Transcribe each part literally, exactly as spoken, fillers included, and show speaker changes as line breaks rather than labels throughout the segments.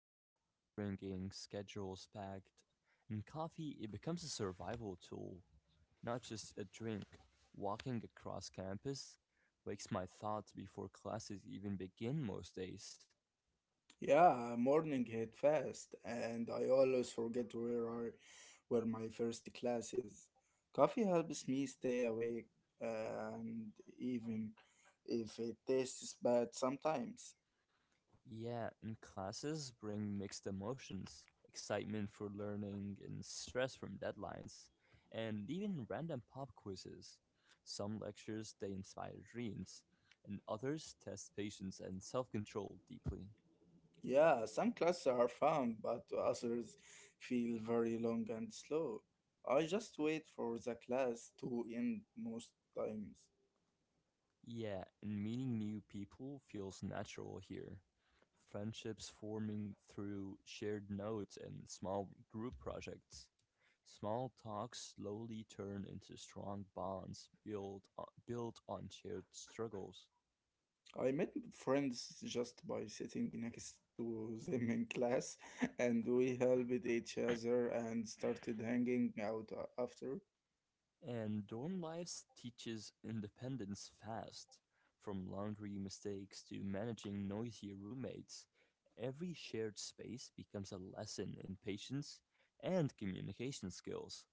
alarms ringing, schedules packed, and coffee, it becomes a survival tool, not just a drink. Walking across campus wakes my thoughts before classes even begin most days.
Yeah, morning hit fast, and I always forget where I, where my first class is. Coffee helps me stay awake, and even if it tastes bad sometimes.
Yeah, and classes bring mixed emotions, excitement for learning and stress from deadlines, and even random pop quizzes. Some lectures, they inspire dreams, and others test patience and self control deeply.
Yeah, some classes are fun, but others feel very long and slow. I just wait for the class to end most times.
Yeah, and meeting new people feels natural here. Friendships forming through shared notes and small group projects. Small talks slowly turn into strong bonds built on, built on shared struggles.
I met friends just by sitting next to them in class, and we helped each other and started hanging out a- after.
And dorm life teaches independence fast. From laundry mistakes to managing noisy roommates, every shared space becomes a lesson in patience and communication skills.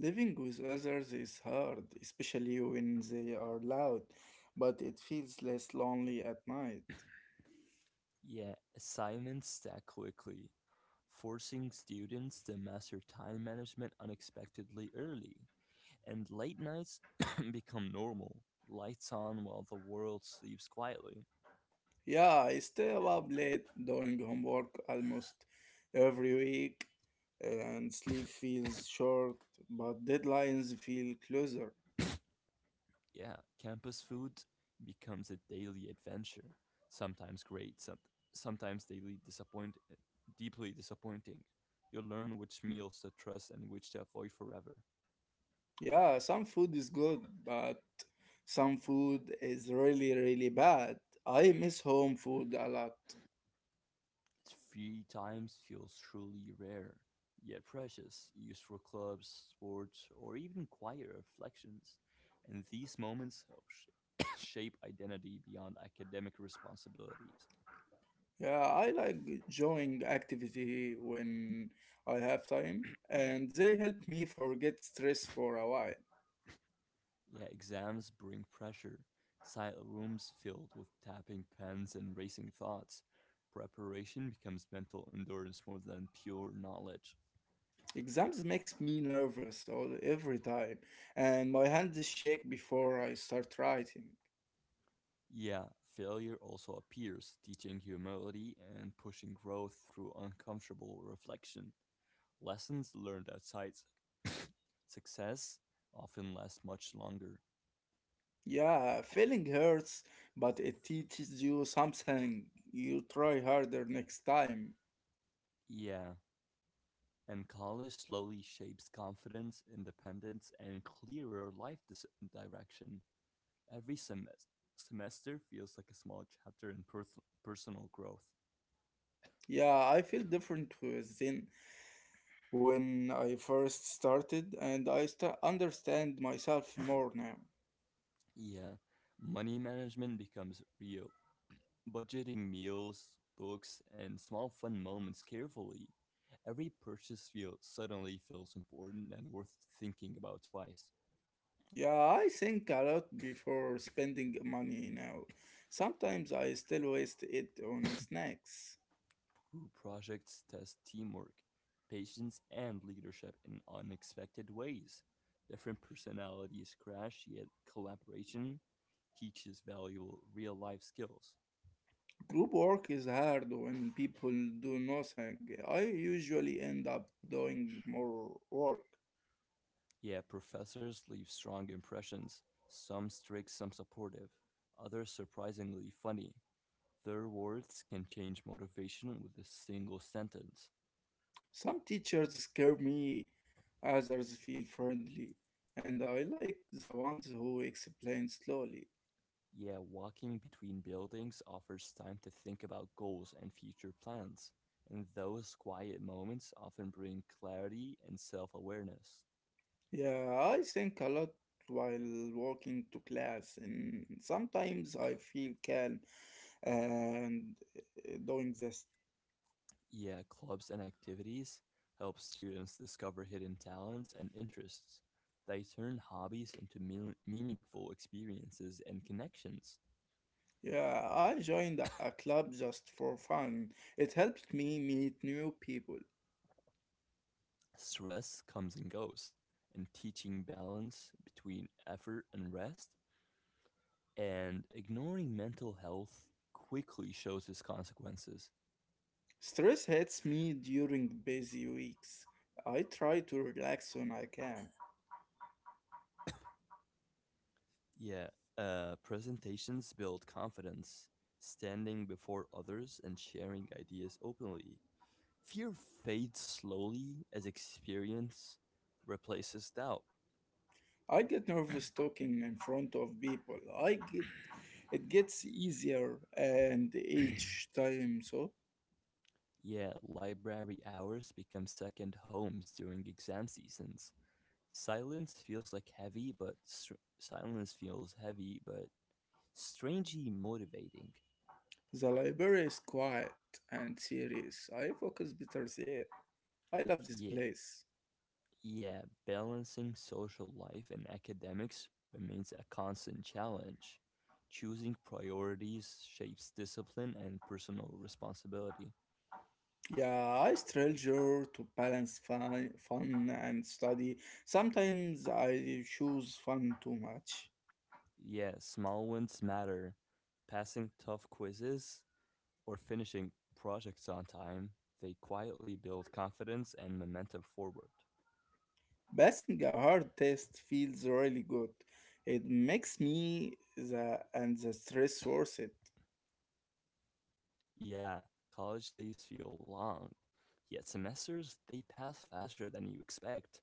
Living with others is hard, especially when they are loud, but it feels less lonely at night.
Yet, assignments stack quickly, forcing students to master time management unexpectedly early, and late nights become normal. Lights on while the world sleeps quietly.
Yeah, I stay up late doing homework almost every week, and sleep feels short, but deadlines feel closer.
Yeah, campus food becomes a daily adventure. Sometimes great, som- sometimes daily disappoint- deeply disappointing. You learn which meals to trust and which to avoid forever.
Yeah, some food is good, but some food is really, really bad. I miss home food a lot.
Three times feels truly rare, yet precious, used for clubs, sports, or even quiet reflections. And these moments help sh- shape identity beyond academic responsibilities.
Yeah, I like enjoying activity when I have time, and they help me forget stress for a while.
Yeah, exams bring pressure, silent rooms filled with tapping pens and racing thoughts. Preparation becomes mental endurance more than pure knowledge.
Exams makes me nervous all every time, and my hands shake before I start writing.
Yeah, failure also appears, teaching humility and pushing growth through uncomfortable reflection. Lessons learned outside success often last much longer.
Yeah, failing hurts, but it teaches you something. You try harder next time.
Yeah, and college slowly shapes confidence, independence, and clearer life dis- direction. Every semes- semester feels like a small chapter in pers- personal growth.
Yeah, I feel different with Zen when I first started, and I sta understand myself more now.
Yeah, money management becomes real. Budgeting meals, books, and small fun moments carefully. Every purchase feel suddenly feels important and worth thinking about twice.
Yeah, I think a lot before spending money now. Sometimes I still waste it on snacks.
Group projects test teamwork, patience, and leadership in unexpected ways. Different personalities crash, yet collaboration teaches valuable real life skills.
Group work is hard when people do nothing. I usually end up doing more work.
Yeah, professors leave strong impressions, some strict, some supportive, others surprisingly funny. Their words can change motivation with a single sentence.
Some teachers scare me, others feel friendly, and I like the ones who explain slowly.
Yeah, walking between buildings offers time to think about goals and future plans, and those quiet moments often bring clarity and self awareness.
Yeah, I think a lot while walking to class, and sometimes I feel calm and uh, doing this.
Yeah, clubs and activities help students discover hidden talents and interests. They turn hobbies into mean- meaningful experiences and connections.
Yeah, I joined a club just for fun. It helped me meet new people.
Stress comes and goes, and teaching balance between effort and rest, and ignoring mental health quickly shows its consequences.
Stress hits me during busy weeks. I try to relax when I can.
Yeah, uh, presentations build confidence, standing before others and sharing ideas openly. Fear fades slowly as experience replaces doubt.
I get nervous talking in front of people. I get It gets easier and each time so.
Yeah, library hours become second homes during exam seasons. Silence feels like heavy, but str- silence feels heavy, but strangely motivating.
The library is quiet and serious. I focus better there. I love this
Yeah,
place.
Yeah, balancing social life and academics remains a constant challenge. Choosing priorities shapes discipline and personal responsibility.
Yeah, I struggle to balance fun, fun and study. Sometimes I choose fun too much.
Yeah, small wins matter. Passing tough quizzes or finishing projects on time, they quietly build confidence and momentum forward.
Passing a hard test feels really good. It makes me the and the stress worth it.
Yeah, college days feel long, yet semesters, they pass faster than you expect.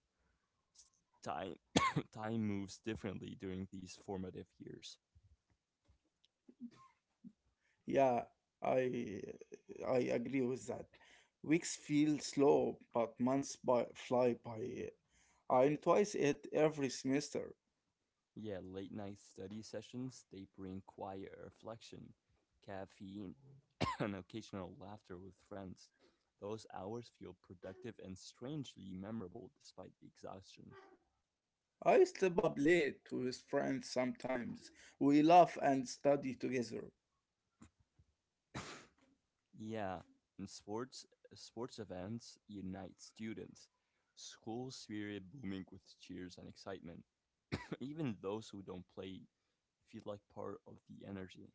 s- time time moves differently during these formative years.
Yeah, I I agree with that. Weeks feel slow, but months by, fly by. I'm twice it every semester.
Yeah, late night study sessions, they bring quiet reflection, caffeine, and occasional laughter with friends. Those hours feel productive and strangely memorable despite the exhaustion.
I stay up late with friends sometimes. We laugh and study together.
Yeah, and sports sports events unite students. School spirit booming with cheers and excitement. Even those who don't play feel like part of the energy.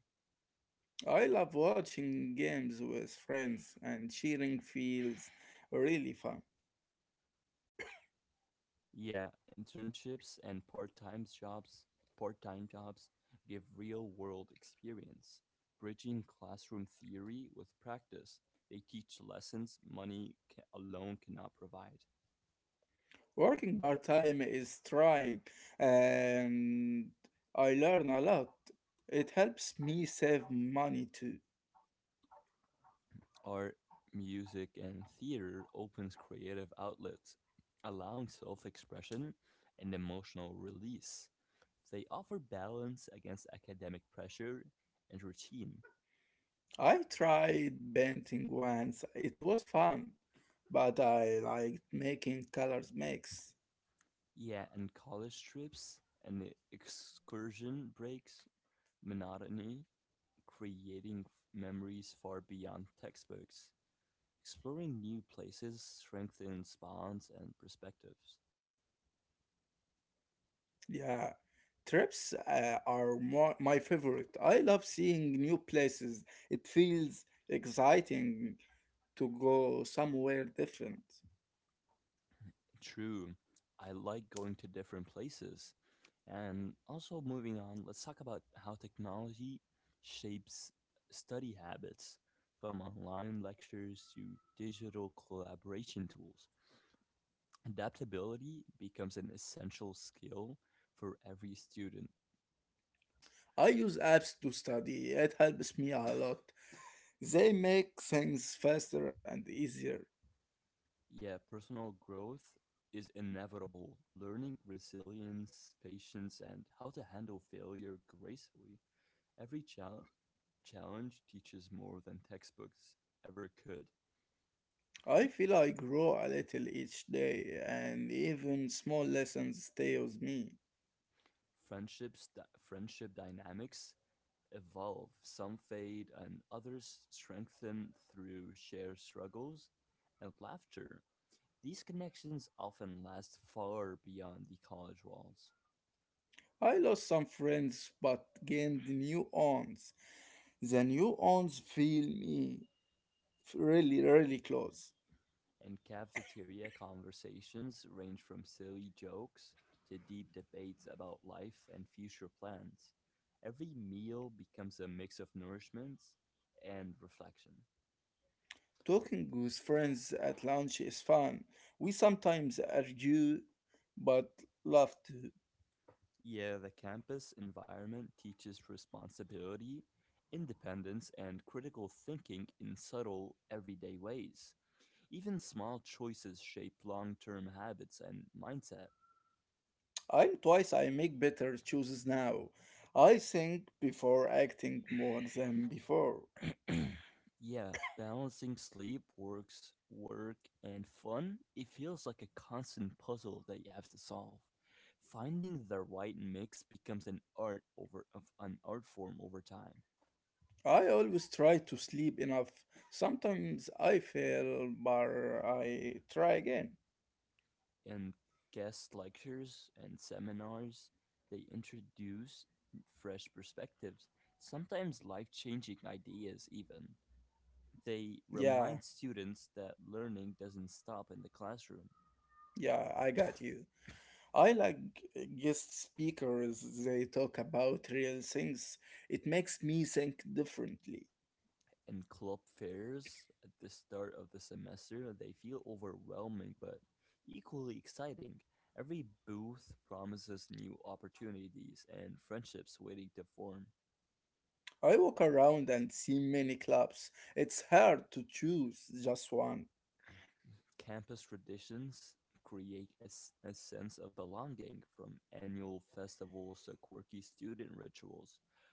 I love watching games with friends and cheering feels really fun.
Yeah, internships and part-time jobs, part-time jobs give real-world experience, bridging classroom theory with practice. They teach lessons money ca- alone cannot provide.
Working part-time is trying and I learn a lot. It helps me save money too.
Art, music, and theater opens creative outlets, allowing self-expression and emotional release. They offer balance against academic pressure and routine.
I tried painting once. It was fun, but I liked making colors mix.
Yeah, and college trips and the excursion breaks monotony, creating f- memories far beyond textbooks. Exploring new places strengthens bonds and perspectives.
Yeah, trips uh, are more my favorite. I love seeing new places. It feels exciting to go somewhere different.
True, I like going to different places. And also, moving on, let's talk about how technology shapes study habits, from online lectures to digital collaboration tools. Adaptability becomes an essential skill for every student.
I use apps to study. It helps me a lot. They make things faster and easier.
Yeah, personal growth is inevitable. Learning resilience, patience, and how to handle failure gracefully. Every chal- challenge teaches more than textbooks ever could.
I feel I grow a little each day, and even small lessons stay with me.
Friendships, dy- friendship dynamics evolve. Some fade, and others strengthen through shared struggles and laughter. These connections often last far beyond the college walls,
I lost some friends but gained new ones. The new ones feel me really, really close.
and cafeteria conversations range from silly jokes to deep debates about life and future plans. Every meal becomes a mix of nourishment and reflection.
Talking with friends at lunch is fun. We sometimes argue but love to.
Yeah, the campus environment teaches responsibility, independence, and critical thinking in subtle, everyday ways. Even small choices shape long term habits and mindset.
I'm twice I make better choices now. I think before acting more than before.
Yeah, balancing sleep, works, work, and fun, it feels like a constant puzzle that you have to solve. Finding the right mix becomes an art over of an art form over time.
I always try to sleep enough. Sometimes I fail, but I try again.
And guest lectures and seminars, they introduce fresh perspectives, sometimes life-changing ideas even. They remind
Yeah,
students that learning doesn't stop in the classroom.
yeah, I got you. I like guest speakers, they talk about real things. It makes me think differently.
And club fairs at the start of the semester, they feel overwhelming but equally exciting. Every booth promises new opportunities and friendships waiting to form.
I walk around and see many clubs. It's hard to choose just one.
Campus traditions create a, s- a sense of belonging, from annual festivals to quirky student rituals.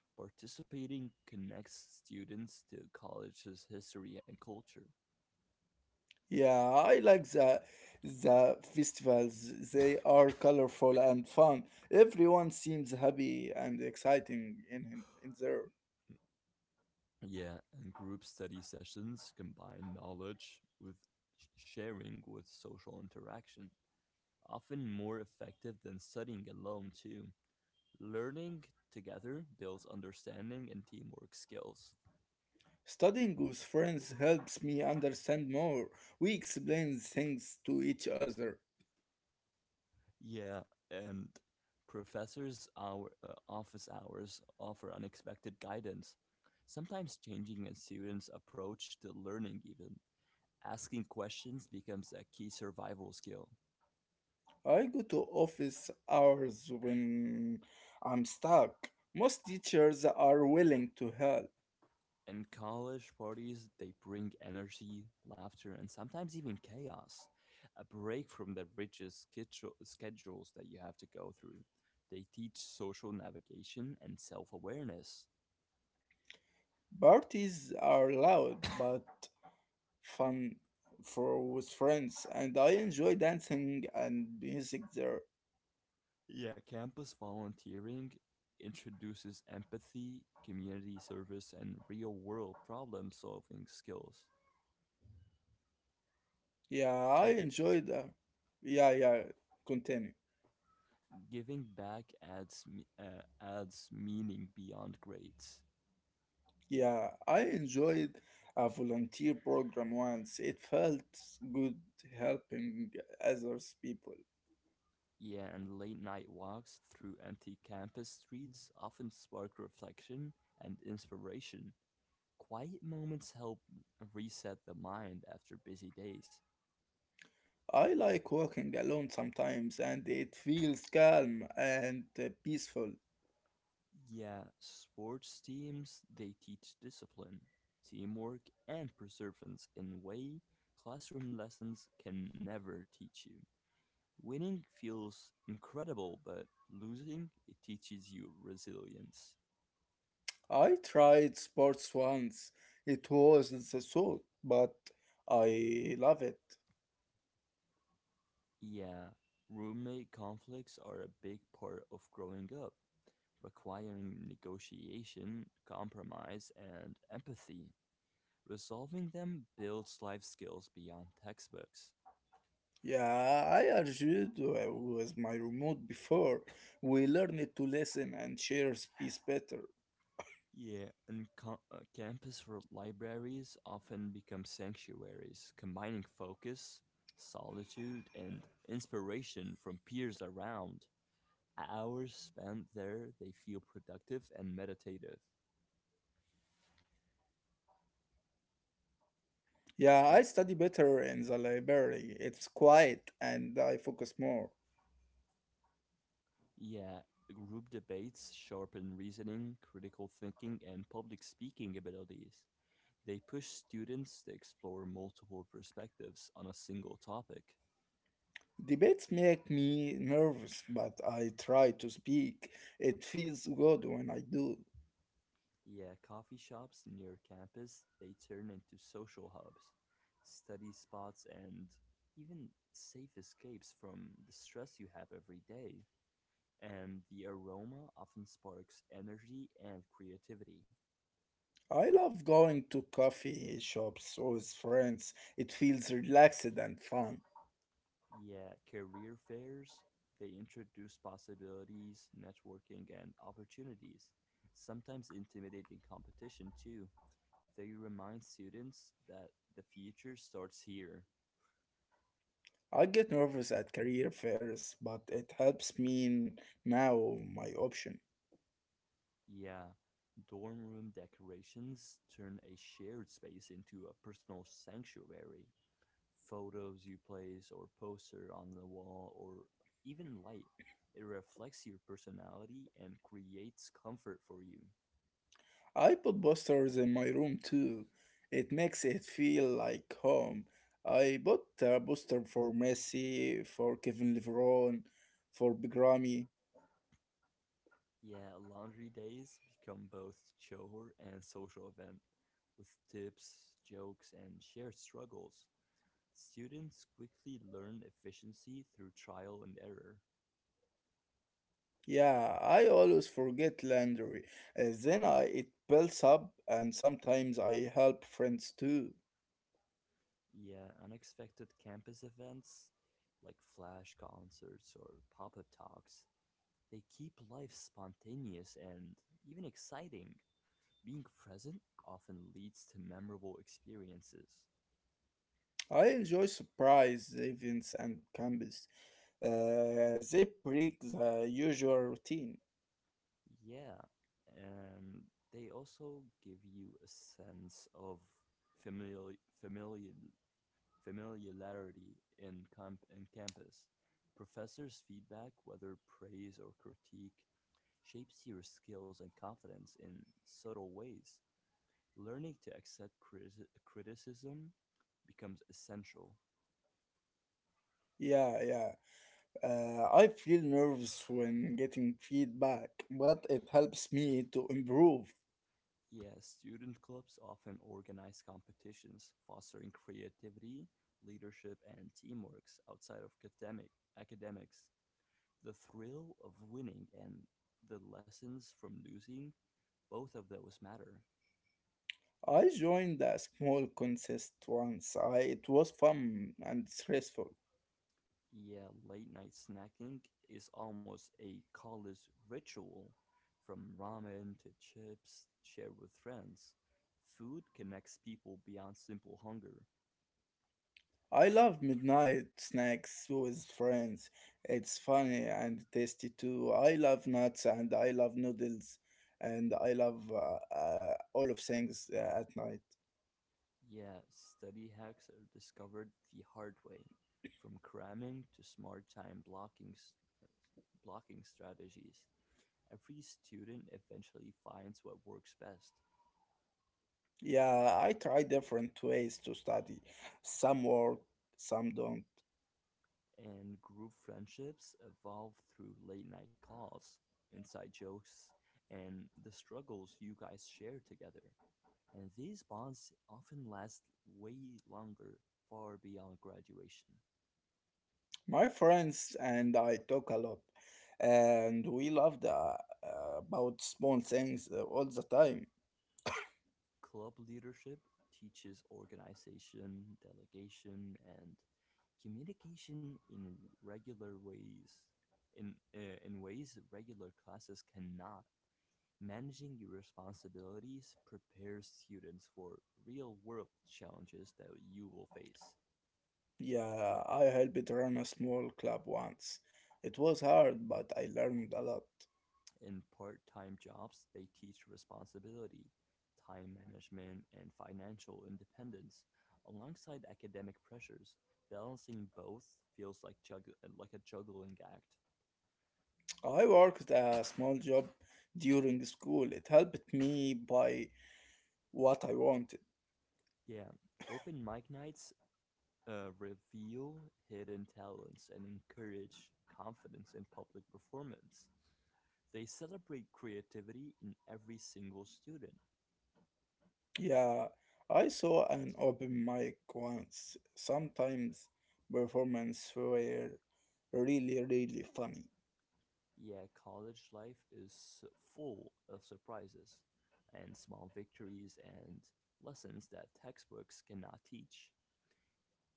Participating connects students to college's history and culture.
Yeah, I like the the festivals. They are colorful and fun. Everyone seems happy and exciting in in there.
Yeah, and group study sessions combine knowledge with sh- sharing with social interaction, often more effective than studying alone, too. Learning together builds understanding and teamwork skills.
Studying with friends helps me understand more. We explain things to each other.
Yeah, and professors' hour, uh, office hours offer unexpected guidance, sometimes changing a student's approach to learning, even. Asking questions becomes a key survival skill.
I go to office hours when I'm stuck. Most teachers are willing to help.
In college parties, they bring energy, laughter, and sometimes even chaos. A break from the rigid schedule- schedules that you have to go through. They teach social navigation and self awareness.
Parties are loud but fun for with friends, and I enjoy dancing and music there.
Yeah, campus volunteering introduces empathy, community service, and real world problem solving skills.
Yeah,
Uh,
I
gi-
enjoyed. Uh, yeah, yeah. Continue.
Giving back adds, me- uh, adds meaning beyond grades.
Yeah, I enjoyed a volunteer program once. It felt good helping others people.
Yeah, and late night walks through empty campus streets often spark reflection and inspiration. Quiet moments help reset the mind after busy days.
I like walking alone sometimes, and it feels calm and uh, peaceful.
Yeah, sports teams, they teach discipline, teamwork, and perseverance in a way classroom lessons can never teach you. Winning feels incredible, but losing, it teaches you resilience.
I tried sports once. It wasn't so sort, but I love it.
Yeah, roommate conflicts are a big part of growing up, requiring negotiation, compromise, and empathy. Resolving them builds life skills beyond textbooks.
Yeah, I argued uh, with my remote before. We learned to listen and share space better.
Yeah, and co- uh, campus r- libraries often become sanctuaries, combining focus, solitude, and inspiration from peers around. Hours spent there, they feel productive and meditative.
Yeah,
Uh,
I study better in the library. It's quiet and I focus more.
Yeah, group debates sharpen reasoning, critical thinking, and public speaking abilities. They push students to explore multiple perspectives on a single topic.
Debates make me nervous, but I try to speak. It feels good when I do.
Yeah, coffee shops near campus, they turn into social hubs, study spots, and even safe escapes from the stress you have every day. And the aroma often sparks energy and creativity.
I love going to coffee shops with friends. It feels relaxed and fun.
Yeah, career fairs, they introduce possibilities, networking, and opportunities. Sometimes intimidating competition too. They remind students that the future starts here.
I get nervous at career fairs, but it helps me now my option.
Yeah, dorm room decorations turn a shared space into a personal sanctuary. Photos you place or poster on the wall or even light, it reflects your personality and creates comfort for you.
I put posters in my room too. It makes it feel like home. I bought a poster for Messi, for Kevin LeBron, for Big Ramy.
Yeah, laundry days become both chore and social event. With tips, jokes, and shared struggles, students quickly learn efficiency through trial and error.
Yeah, I always forget laundry. Uh, then I it builds up, and sometimes I help friends too.
Yeah, unexpected campus events like flash concerts or pop up talks, they keep life spontaneous and even exciting. Being present often leads to memorable experiences.
I enjoy surprise events and campus. Uh, they break the usual routine.
Yeah, and they also give you a sense of familiar, familiar, familiarity in, comp- in campus. Professors' feedback, whether praise or critique, shapes your skills and confidence in subtle ways. Learning to accept criti- criticism becomes essential.
Yeah, yeah. Uh, I feel nervous when getting feedback, but it helps me to improve.
Yes, student clubs often organize competitions, fostering creativity, leadership, and teamwork outside of academic academics. The thrill of winning and the lessons from losing, both of those matter.
I joined a small contest once. I, it was fun and stressful.
Yeah, late night snacking is almost a college ritual, from ramen to chips shared with friends. Food connects people beyond simple hunger.
I love midnight snacks with friends. It's funny and tasty too. I love nuts and I love noodles and I love uh, uh, all of things uh, at night.
Yeah, study hacks are discovered the hard way, from cramming to smart time blocking s- blocking strategies. Every student eventually finds what works best,
Yeah, I try different ways to study. Some work, some don't.
and group friendships evolve through late night calls, inside jokes, and the struggles you guys share together. And these bonds often last way longer, far beyond graduation.
My friends and I talk a lot and we love the uh, about small things uh, all the time.
Club leadership teaches organization, delegation, and communication in regular ways. In, uh, in ways regular classes cannot. Managing your responsibilities prepares students for real world challenges that you will face.
Yeah, I helped run a small club once. It was hard, but I learned a lot.
In part-time jobs, they teach responsibility, time management, and financial independence. Alongside academic pressures, balancing both feels like jugg- like a juggling act.
I worked a small job during school. It helped me buy what I wanted.
Yeah, open mic nights uh, reveal hidden talents and encourage confidence in public performance. They celebrate creativity in every single student.
Yeah, I saw an open mic once. Sometimes performance were really, really funny.
Yeah, college life is s- full of surprises and small victories and lessons that textbooks cannot teach.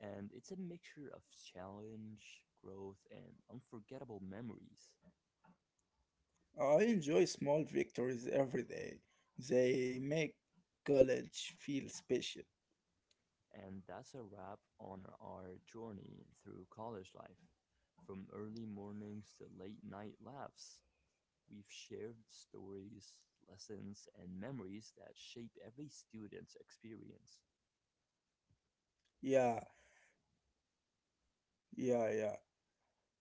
And it's a mixture of challenge, growth, and unforgettable memories.
I enjoy small victories every day. They make college feel special.
And that's a wrap on our journey through college life. From early mornings to late night laughs, we've shared stories, lessons, and memories that shape every student's experience.
Yeah, yeah, yeah.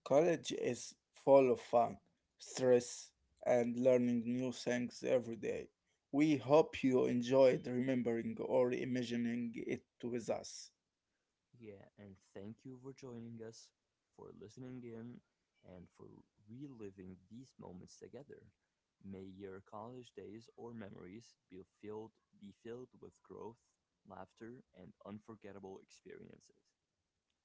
College is full of fun, stress, and learning new things every day. We hope you enjoyed remembering or imagining it with us.
Yeah, and thank you for joining us, for listening in, and for reliving these moments together. May your college days or memories be filled be filled with growth, laughter, and unforgettable experiences.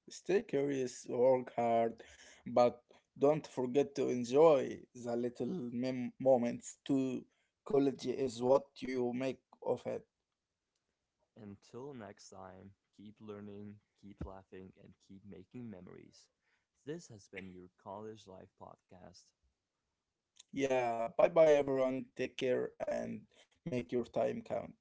Stay curious, work hard, but don't forget to enjoy the little mem- moments too. College is what you make of it.
Until next time, keep learning, keep laughing, and keep making memories. This has been your College Life Podcast.
Yeah, bye bye everyone. Take care and make your time count.